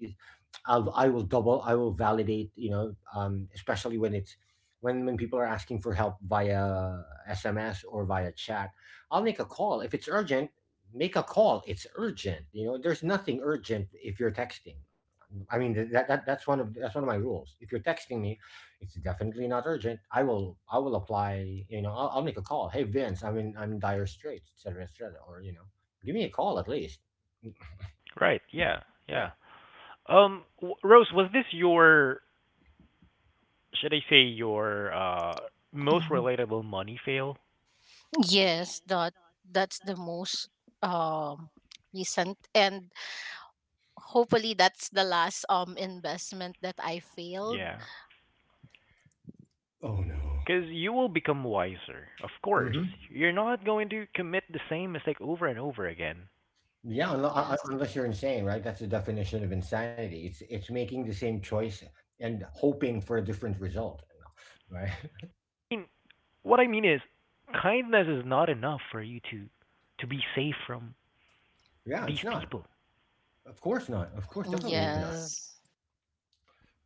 B: I will double. I will validate. You know, especially when people are asking for help via SMS or via chat. I'll make a call if it's urgent. Make a call. It's urgent. You know, there's nothing urgent if you're texting. I mean, that's one of my rules. If you're texting me, it's definitely not urgent. I will apply. You know, I'll make a call. Hey Vince, I'm in, I'm in dire straits, etc., etc. Or, you know, give me a call at least.
A: Right. Yeah.
B: Yeah.
A: Yeah. Rose, was this your, should I say, your most
C: Mhm.
A: relatable money fail?
C: Yes, that that's the most um recent, and hopefully that's the last investment that I failed.
A: Yeah.
B: Oh no.
A: Cause you will become wiser, of course.
B: Mm-hmm.
A: You're not going to commit the same mistake over and over again.
B: Yeah, unless,
C: Mhm, yes.
B: unless you're insane, right? That's the definition of insanity. It's making the same choice and hoping for a different result, right?
A: I mean, what I mean is, kindness is not enough for you to be safe from
B: Yeah, it's
A: these
B: not.
A: people.
B: Of course not. Of course, definitely not.
C: Yes,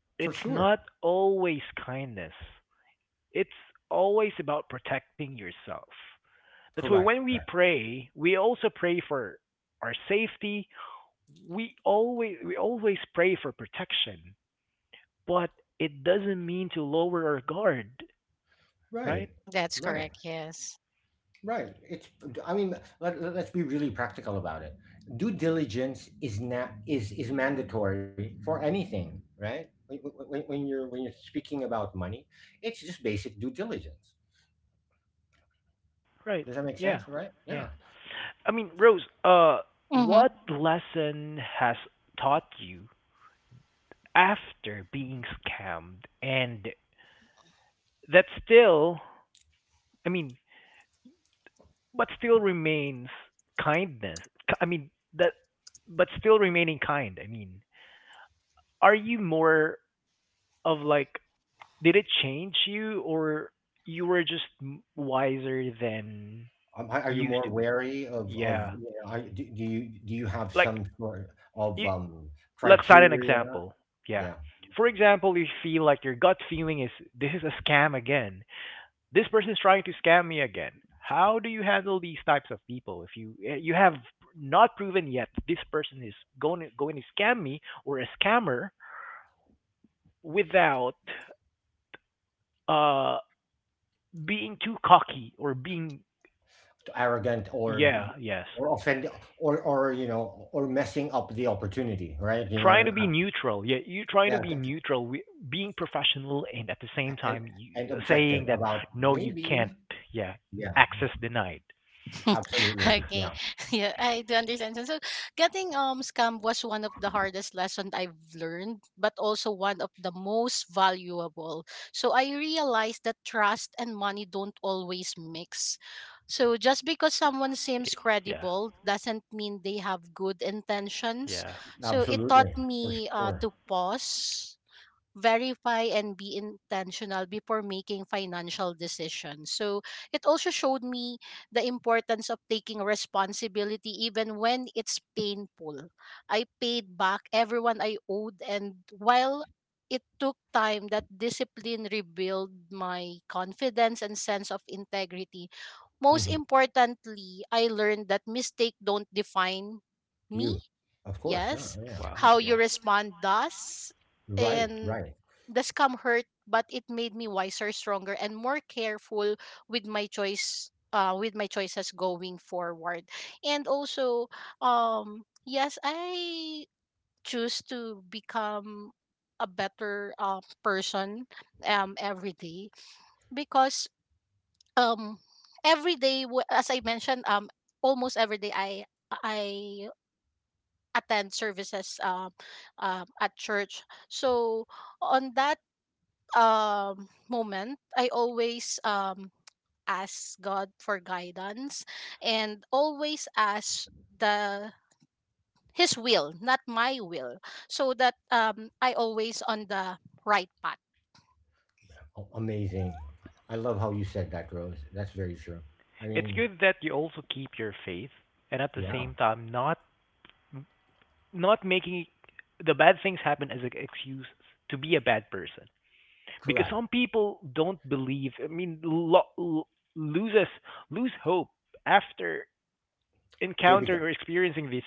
B: For
A: It's
B: sure.
A: not always kindness. It's always about protecting yourself. That's why
B: Correct.
A: when we
B: Correct.
A: pray, we also pray for our safety. We always pray for protection, but it doesn't mean to lower our guard, right?
B: Right.
C: that's
B: Right.
C: correct, yes.
B: Right. It's Let's be really practical about it. Due diligence is not is is mandatory for anything, right? When you're speaking about money, it's just basic due diligence.
A: Right.
B: Does that make
A: Yeah.
B: sense, right? Yeah.
A: Yeah. I mean, Rose,
C: Mhm.
A: what lesson has taught you after being scammed, and that still, I mean, but still remains kindness? I mean that, but still remaining kind. I mean, are you more of like did it change you or you were just wiser than
B: Are you
A: you used
B: more
A: to be?
B: wary of
A: Yeah.
B: you know, are, do, do you have
A: Like
B: some sort of
A: you, let's cite an
B: criteria?
A: example.
B: Yeah.
A: Yeah. For example, you feel like your gut feeling is this is a scam again. This person is trying to scam me again. How do you handle these types of people if you you have not proven yet this person is going to scam me or a scammer without uh being too cocky or being
B: Arrogant
A: yeah, yes,
B: or offend or messing up the opportunity, right? You know what I
A: trying to be
B: mean?
A: neutral, yeah, you
B: Yeah,
A: trying to be neutral wi- being professional and at the same
B: and
A: time you,
B: and objective
A: saying that
B: about
A: no you
B: maybe.
A: can't, yeah,
B: Yeah,
A: access denied.
B: absolutely.
C: Okay.
B: Yeah,
C: Yeah, I do understand. So, so getting scam was one of the hardest lessons I've learned, but also one of the most valuable. So I realized that trust and money don't always mix. So just because someone seems
A: Yeah,
C: credible doesn't mean they have good intentions.
A: yeah,
C: So it taught
B: absolutely. For
C: me
B: sure.
C: to pause, verify, and be intentional before making financial decisions. So it also showed me the importance of taking responsibility even when it's painful. I paid back everyone I owed, and while it took time, that discipline rebuilt my confidence and sense of integrity. Most
B: Hmm.
C: importantly, I learned that mistakes don't define me.
B: You, of course. Yeah,
C: Yes.
B: yeah,
A: wow,
B: yeah.
C: How you
A: yeah.
C: respond does.
B: Right,
C: And
B: right.
C: the scam hurt, but it made me wiser, stronger, and more careful with my choices going forward. And also, um, yes, I choose to become a better person every day, because um every day as I mentioned, um, almost every day i attend services at church. So on that moment, I always ask God for guidance, and always ask the His will, not my will, so that I always on the right path.
B: A- amazing. I love how you said that, Rose. That's very true. I
A: It's
B: mean,
A: good that you also keep your faith and at the
B: yeah,
A: same time not not making the bad things happen as an excuse to be a bad person because
B: correct.
A: some people don't believe. I mean, loses lose hope after
B: they
A: encountering
B: become
A: or experiencing these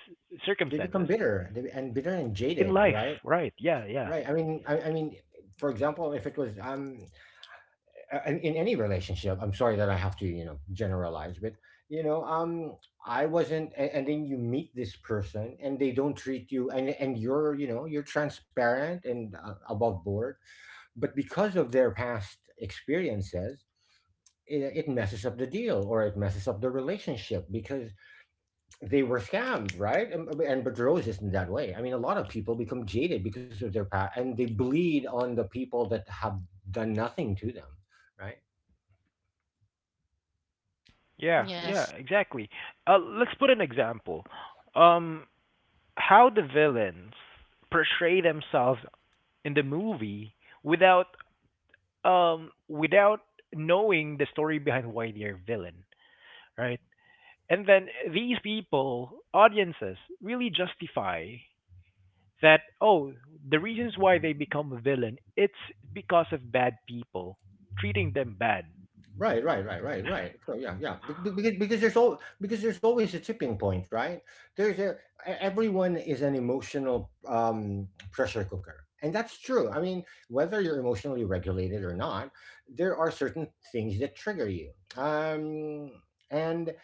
B: they become
A: circumstances
B: bitter. They, be- and Bitter and
A: in
B: jaded, right?
A: life. Right? Yeah,
B: Right, I
A: yeah,
B: mean, I mean, for example, if it was, in any relationship. I'm sorry that I have to, generalize, but you know um I wasn't. And then you meet this person and they don't treat you and you're you know you're transparent and above board. But because of their past experiences, it messes up the deal, or it messes up the relationship because they were scammed, right? And but Rose isn't that way. I mean, a lot of people become jaded because of their past and they bleed on the people that have done nothing to them, right?
A: yeah, yeah.
C: Yes.
A: Exactly. Let's put an example. Um, how the villains portray themselves in the movie without without knowing the story behind why they're villain, right? And then these people, audiences, really justify that, oh, the reasons why they become a villain, it's because of bad people treating them bad.
B: Right. So yeah, yeah. Because there's always a tipping point, right? There's a everyone is an emotional pressure cooker, and that's true. I mean, whether you're emotionally regulated or not, there are certain things that trigger you. And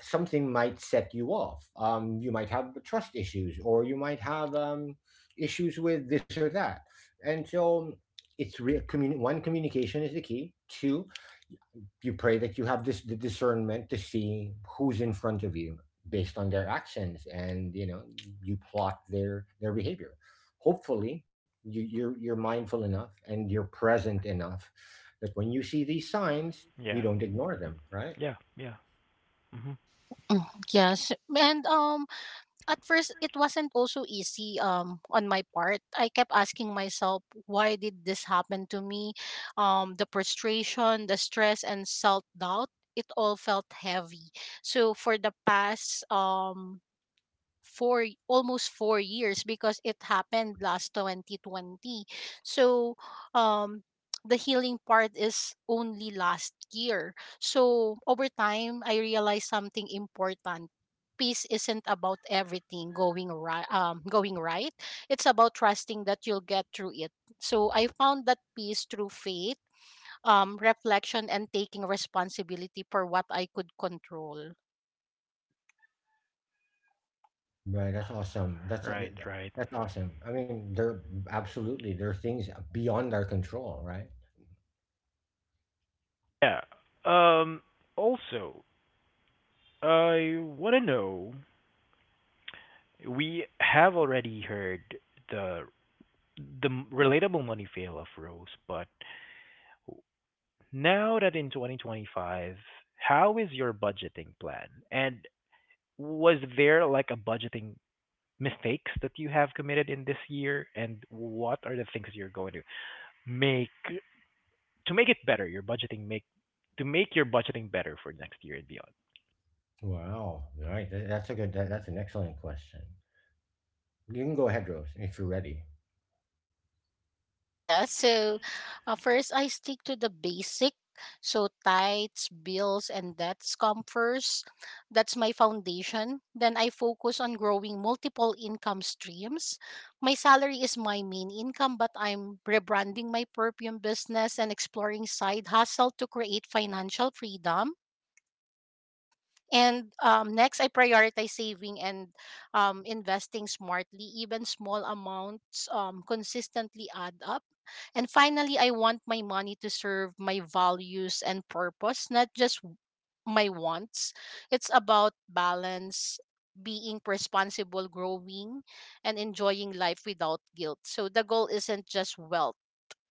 B: something might set you off. You might have trust issues, or you might have issues with this or that. And so, it's real. One, communication is the key. Two, you pray that you have this the discernment to see who's in front of you based on their actions, and you know you plot their behavior. Hopefully, you're mindful enough and you're present enough that when you see these signs, you
A: Yeah,
B: don't ignore them, right?
A: yeah, yeah. Hmm.
C: Mm, yes. And at first it wasn't also easy on my part. I kept asking myself, why did this happen to me? Um, the frustration, the stress, and self doubt, it all felt heavy. So for the past 4 years, because it happened last 2020, so um the healing part is only last year. So over time I realized something important. Peace isn't about everything going right going right, it's about trusting that you'll get through it. So I found that peace through faith, reflection, and taking responsibility for what I could control.
B: Right, that's awesome. That's aw-
A: Right,
B: th- th-
A: right.
B: That's awesome. I mean, there absolutely there are things beyond our control, right?
A: Yeah. Um, also, I want to know, we have already heard the the relatable money fail of Rose, but now that in 2025, how is your budgeting plan, and was there like a budgeting mistakes that you have committed in this year, and what are the things that you're going make to make it better your budgeting make to make your budgeting better for next year and beyond?
B: Wow, right. That's a good. That's an excellent question. You can go ahead, Rose, if you're ready.
C: Yeah, so first I stick to the basic. So tights, bills, and that's come first. That's my foundation. Then I focus on growing multiple income streams. My salary is my main income, but I'm rebranding my perfume business and exploring side hustle to create financial freedom. And next, I prioritize saving and investing smartly. Even small amounts consistently add up. And finally, I want my money to serve my values and purpose, not just my wants. It's about balance, being responsible, growing, and enjoying life without guilt. So the goal isn't just wealth,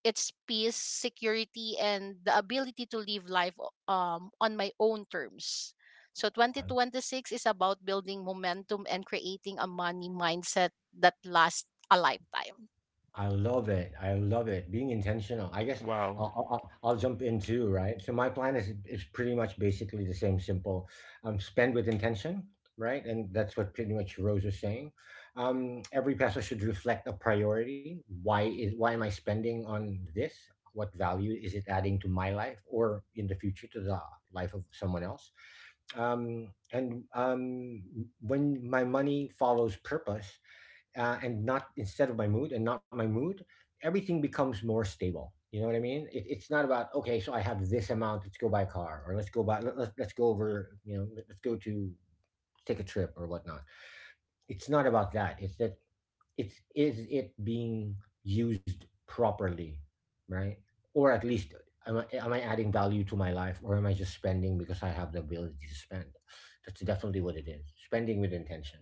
C: it's peace, security, and the ability to live life on my own terms. So 2026 is about building momentum and creating a money mindset that lasts a lifetime.
B: I love it. I love it. Being intentional. I guess I'll,
A: Wow.
B: I'll, I'll I'll jump in too, right? So my plan is pretty much basically the same, simple. Spend with intention, right? And that's what pretty much Rose was saying. Every peso should reflect a priority. Why am I spending on this? What value is it adding to my life or in the future to the life of someone else? And When my money follows purpose, and not my mood, everything becomes more stable. You know what I mean? It's not about okay, so I have this amount. Let's go buy a car, or let's go over. You know, let's go to take a trip or whatnot. It's not about that. It's that it's is it being used properly, right? Or at least am I adding value to my life, or am I just spending because I have the ability to spend? That's definitely what it is. Spending with intention.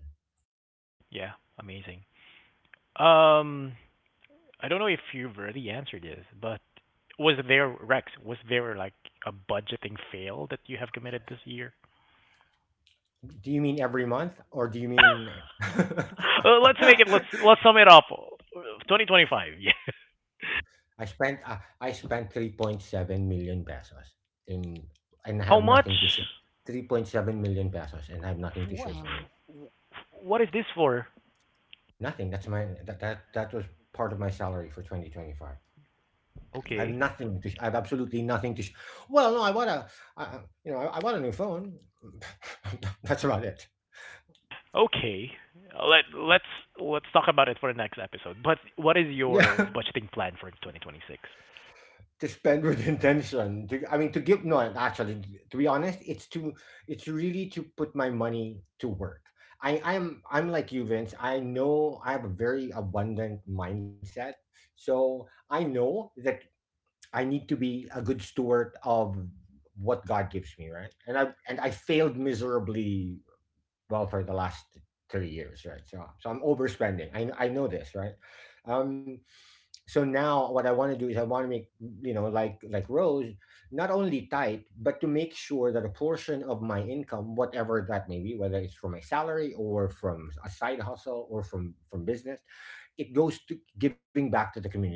A: Yeah, amazing. Um, I don't know if you've already answered this, but was there, Rex, was there like a budgeting fail that you have committed this year?
B: Do you mean every month, or do you mean
A: Let's make it, let's sum it up. 2025. Yeah.
B: I spent 3.7 million pesos in and I
A: How
B: have
A: much?
B: nothing to show. 3.7 million pesos and I have nothing to show for it.
A: F-
C: Um,
A: What is this for?
B: Nothing. That was part of my salary for 2025.
A: Okay.
B: I have absolutely nothing to sh- Well, no, I want a you know, I want a new phone. That's about it.
A: Okay. Let let's let's talk about it for the next episode. But what is
B: Yeah.
A: your budgeting plan for 2026?
B: To spend with intention, to I mean to give no actually to be honest, it's to. It's really to put my money to work. I'm like you, Vince. I know I have a very abundant mindset, so I know that I need to be a good steward of what God gives me, right? And I failed miserably well for the last 3 years, right? So I'm overspending. I know this, right? Um, so now what I want to do is I want to make, you know, like Rose, not only tight but to make sure that a portion of my income, whatever that may be, whether it's from my salary or from a side hustle or from business, it goes to giving back to the community.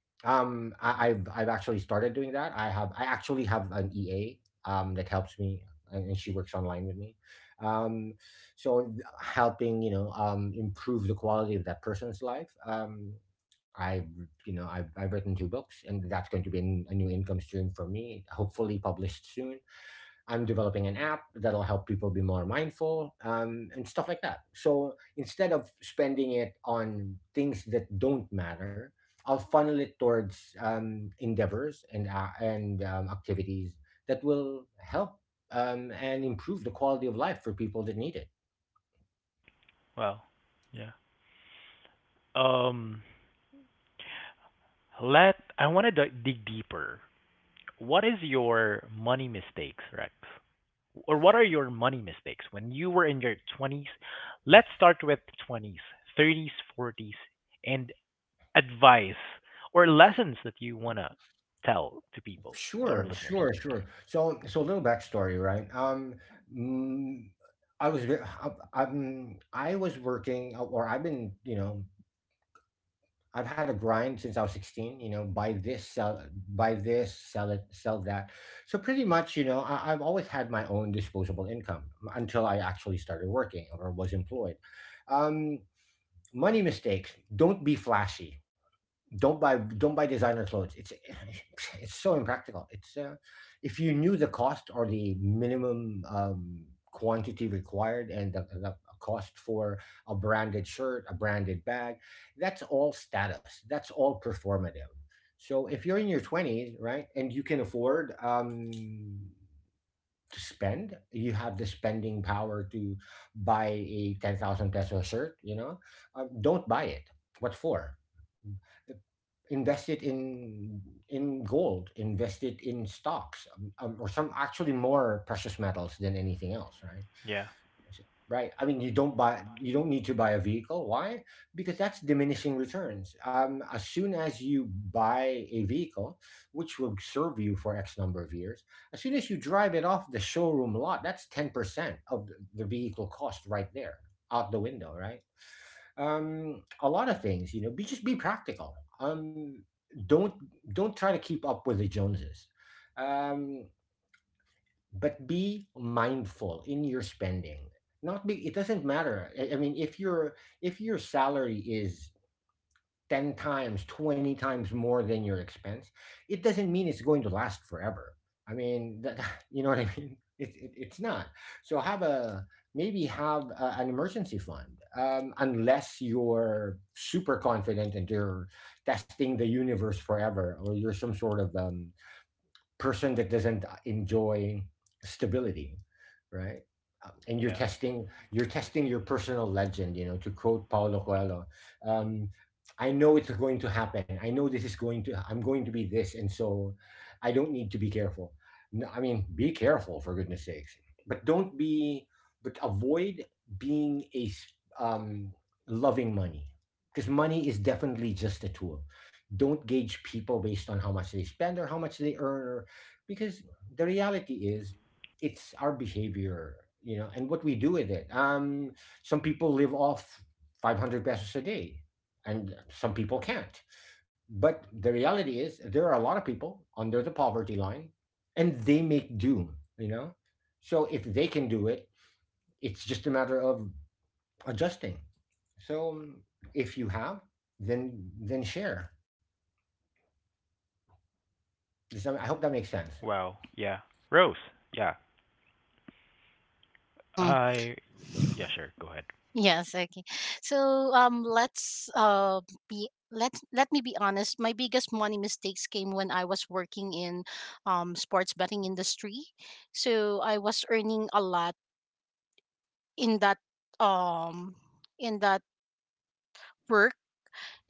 B: Um, I've actually started doing that. I actually have an EA that helps me, and she works online with me. Um, so helping, you know, improve the quality of that person's life. I You know, I've written two books and that's going to be a new income stream for me, hopefully published soon. I'm developing an app that'll help people be more mindful, and stuff like that. So instead of spending it on things that don't matter, I'll funnel it towards endeavors and activities that will help and improve the quality of life for people that need it.
A: Well, yeah. Um, let I want to dig deeper. What is your money mistakes, Rex? Or what are your money mistakes when you were in your 20s? Let's start with 20s, 30s, 40s, and advice or lessons that you want to tell to people, to our
B: Sure,
A: listeners.
B: sure, sure. So, so a little backstory, right? Mm, I was, I'm, I was working, or I've been, you know, I've had a grind since I was 16. You know, buy this, sell it, sell that. So pretty much, you know, I've always had my own disposable income until I actually started working or was employed. Um, money mistakes. Don't be flashy. Don't buy designer clothes. It's it's so impractical. It's if you knew the cost or the minimum quantity required and the cost for a branded shirt, a branded bag, that's all status. That's all performative. So if you're in your 20s, right, and you can afford to spend. You have the spending power to buy a 10,000 peso shirt, you know? Don't buy it. What for? Invest it in gold, invest it in stocks, or some actually more precious metals than anything else, right?
A: Yeah.
B: Right? I mean, you don't buy, you don't need to buy a vehicle. Why? Because that's diminishing returns. As soon as you buy a vehicle, which will serve you for X number of years, as soon as you drive it off the showroom lot, that's 10% of the vehicle cost right there, out the window, right? A lot of things, you know, be just be practical. Don't don't try to keep up with the Joneses. Um, but be mindful in your spending, not be it doesn't matter I mean, if your salary is 10 times 20 times more than your expense, it doesn't mean it's going to last forever. I mean, you know what I mean, it's not. So have a, maybe have an emergency fund, unless you're super confident and you're testing the universe forever, or you're some sort of person that doesn't enjoy stability, right? And you're
A: Yeah.
B: testing You're testing your personal legend. You know, to quote Paulo Coelho, um, I know it's going to happen. I know this is going to. I'm going to be this, and so I don't need to be careful. No, I mean, be careful, for goodness sakes, but don't be. But avoid being um, loving money, because money is definitely just a tool. Don't gauge people based on how much they spend or how much they earn, or because the reality is it's our behavior, you know, and what we do with it. Um, some people live off 500 pesos a day and some people can't, but the reality is there are a lot of people under the poverty line and they make do, you know. So if they can do it, it's just a matter of adjusting. So if you have, then share. I hope that makes sense.
A: Wow. Yeah. Rose. Yeah.
C: hmm,
A: I. Yeah. Sure. Go ahead.
C: yes, okay. So let let me be honest. My biggest money mistakes came when I was working in sports betting industry. So I was earning a lot in that um in that work.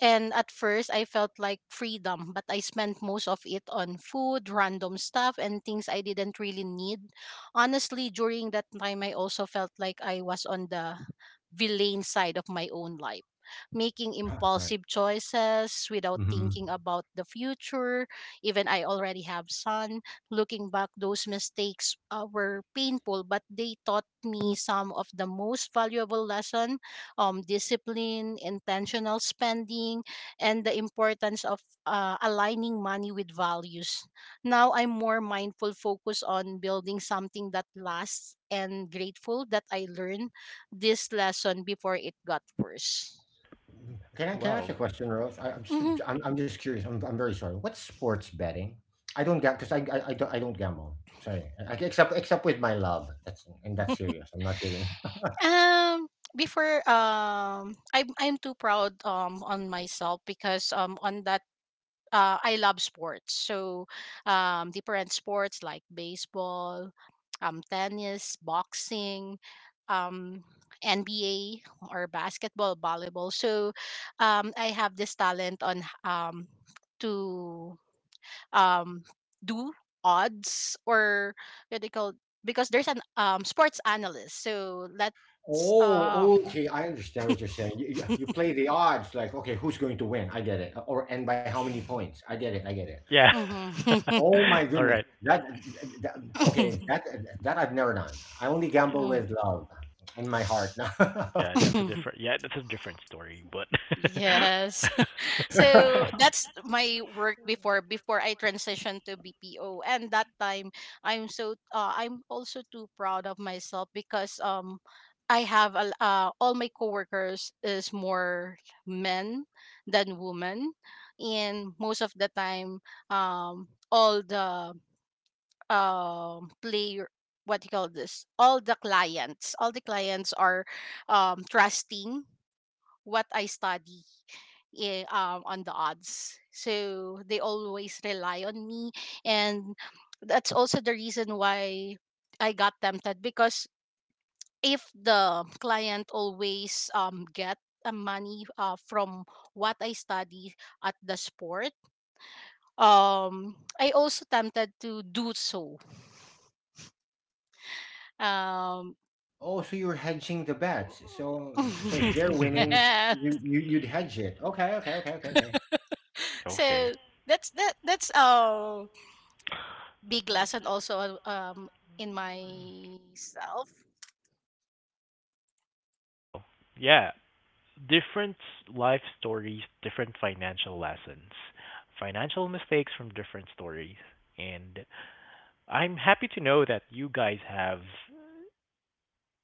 C: And at first, I felt like freedom, but I spent most of it on food, random stuff, and things I didn't really need. Honestly, during that time, I also felt like I was on the villain side of my own life, making
B: Right.
C: impulsive choices without
B: Hmm.
C: thinking about the future. Even I already have son. Looking back, those mistakes were painful, but they taught me some of the most valuable lesson, discipline, intentional spending, and the importance of aligning money with values. Now I'm more mindful, focus on building something that lasts, and grateful that I learned this lesson before it got worse.
B: Mm. Can I ask you
A: Wow.
B: a question, Rose? I'm just
C: Hmm.
B: I'm just curious. I'm very sorry. What's sports betting? I don't gamble because I don't I don't gamble. Sorry, I, except except with my love. That's and that's serious. I'm not kidding.
C: Um, before I'm too proud on myself because on that I love sports. So different sports like baseball, tennis, boxing, um, NBA or basketball, volleyball. So I have this talent on h- to um, do odds, or what they call, because there's an sports analyst. So let's
B: Oh, okay. I understand what you're saying. You play the odds, like okay, who's going to win? I get it. Or and by how many points? I get it. I get it.
A: Yeah.
C: mhm.
B: Oh my
A: All
B: goodness,
A: right.
B: that, that okay. That I've never done. I only
A: Yeah.
B: gamble
C: Mm.
B: with love in my heart.
A: Yeah. That's a different. Yeah. That's a different story. But.
C: Yes. So that's my work before before I transitioned to BPO. And that time I'm I'm also too proud of myself, because I have a, all my coworkers is more men than women, and most of the time all the player what do you call this, all the clients are trusting what I study, on the odds. So they always rely on me. And that's also the reason why I got tempted, because if the client always get a money from what I study at the sport, I also tempted to do so. Um,
B: Oh, so you're hedging the bets. So so if they're winning,
C: yeah.
B: you'd hedge it. Okay, okay, okay, okay, okay.
A: Okay.
C: So that's that that's big lesson also in myself.
A: Yeah. Different life stories, different financial lessons, financial mistakes from different stories, and I'm happy to know that you guys have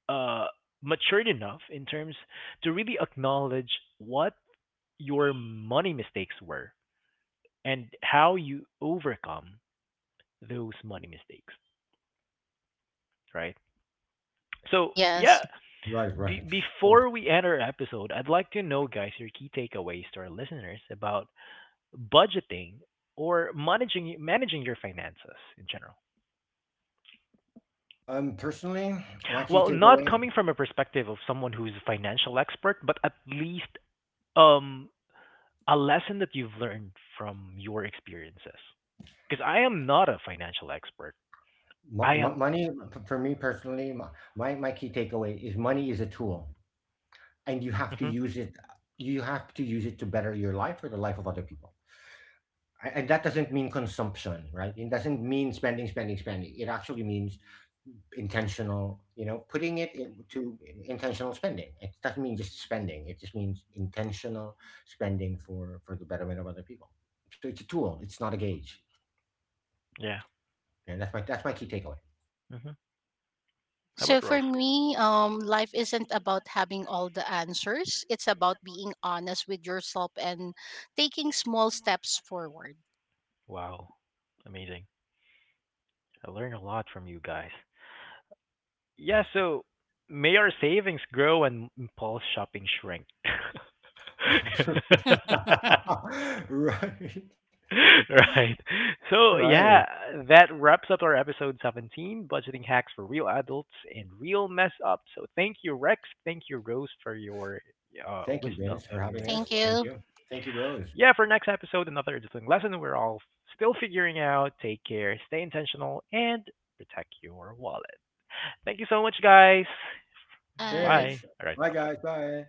A: uh, matured enough in terms to really acknowledge what your money mistakes were and how you overcome those money mistakes, right? So, yeah,
C: Yes.
B: Right, right, of course.
A: before we end our episode, I'd like to know, guys, your key takeaways to our listeners about budgeting or managing your finances in general.
B: Personally, my key
A: Well, not
B: takeaway,
A: coming from a perspective of someone who's a financial expert, but at least um a lesson that you've learned from your experiences? Because I am not a financial expert. I
B: m- m-
A: am.
B: money for me personally, my my key takeaway is money is a tool, and you have to
A: Hmm.
B: use it. You have to use it to better your life or the life of other people. And that doesn't mean consumption, right? It doesn't mean spending, spending, spending. It actually means intentional, you know, putting it in, to intentional spending it doesn't mean just spending it just means intentional spending for the betterment of other people. So it's a tool, it's not a gauge,
A: Yeah.
B: and that's my key takeaway.
A: Hmm. How
C: So
A: about
C: for
A: Rose?
C: me, life isn't about having all the answers. It's about being honest with yourself and taking small steps forward.
A: Wow. Amazing. I learned a lot from you guys. Yeah, so may our savings grow and impulse shopping shrink.
B: Rob. Right,
A: Right. So,
B: right.
A: yeah, that wraps up our episode 17, budgeting hacks for real adults and real mess up. So, thank you, Rex. Thank you, Rose, for your
B: Thank you,
A: wisdom.
B: Vince,
A: I
B: for
A: really
B: having
A: learned
C: Thank
A: a
B: us.
A: lot.
B: Thank
C: you.
B: you. Thank you, Rose.
A: Yeah, for next episode, another discipline lesson we're all still figuring out. Take care, stay intentional, and protect your wallet. Thank you so much, guys.
C: Bye.
B: Thanks.
A: Bye. All right,
B: Bye guys,
A: bye.
B: bye.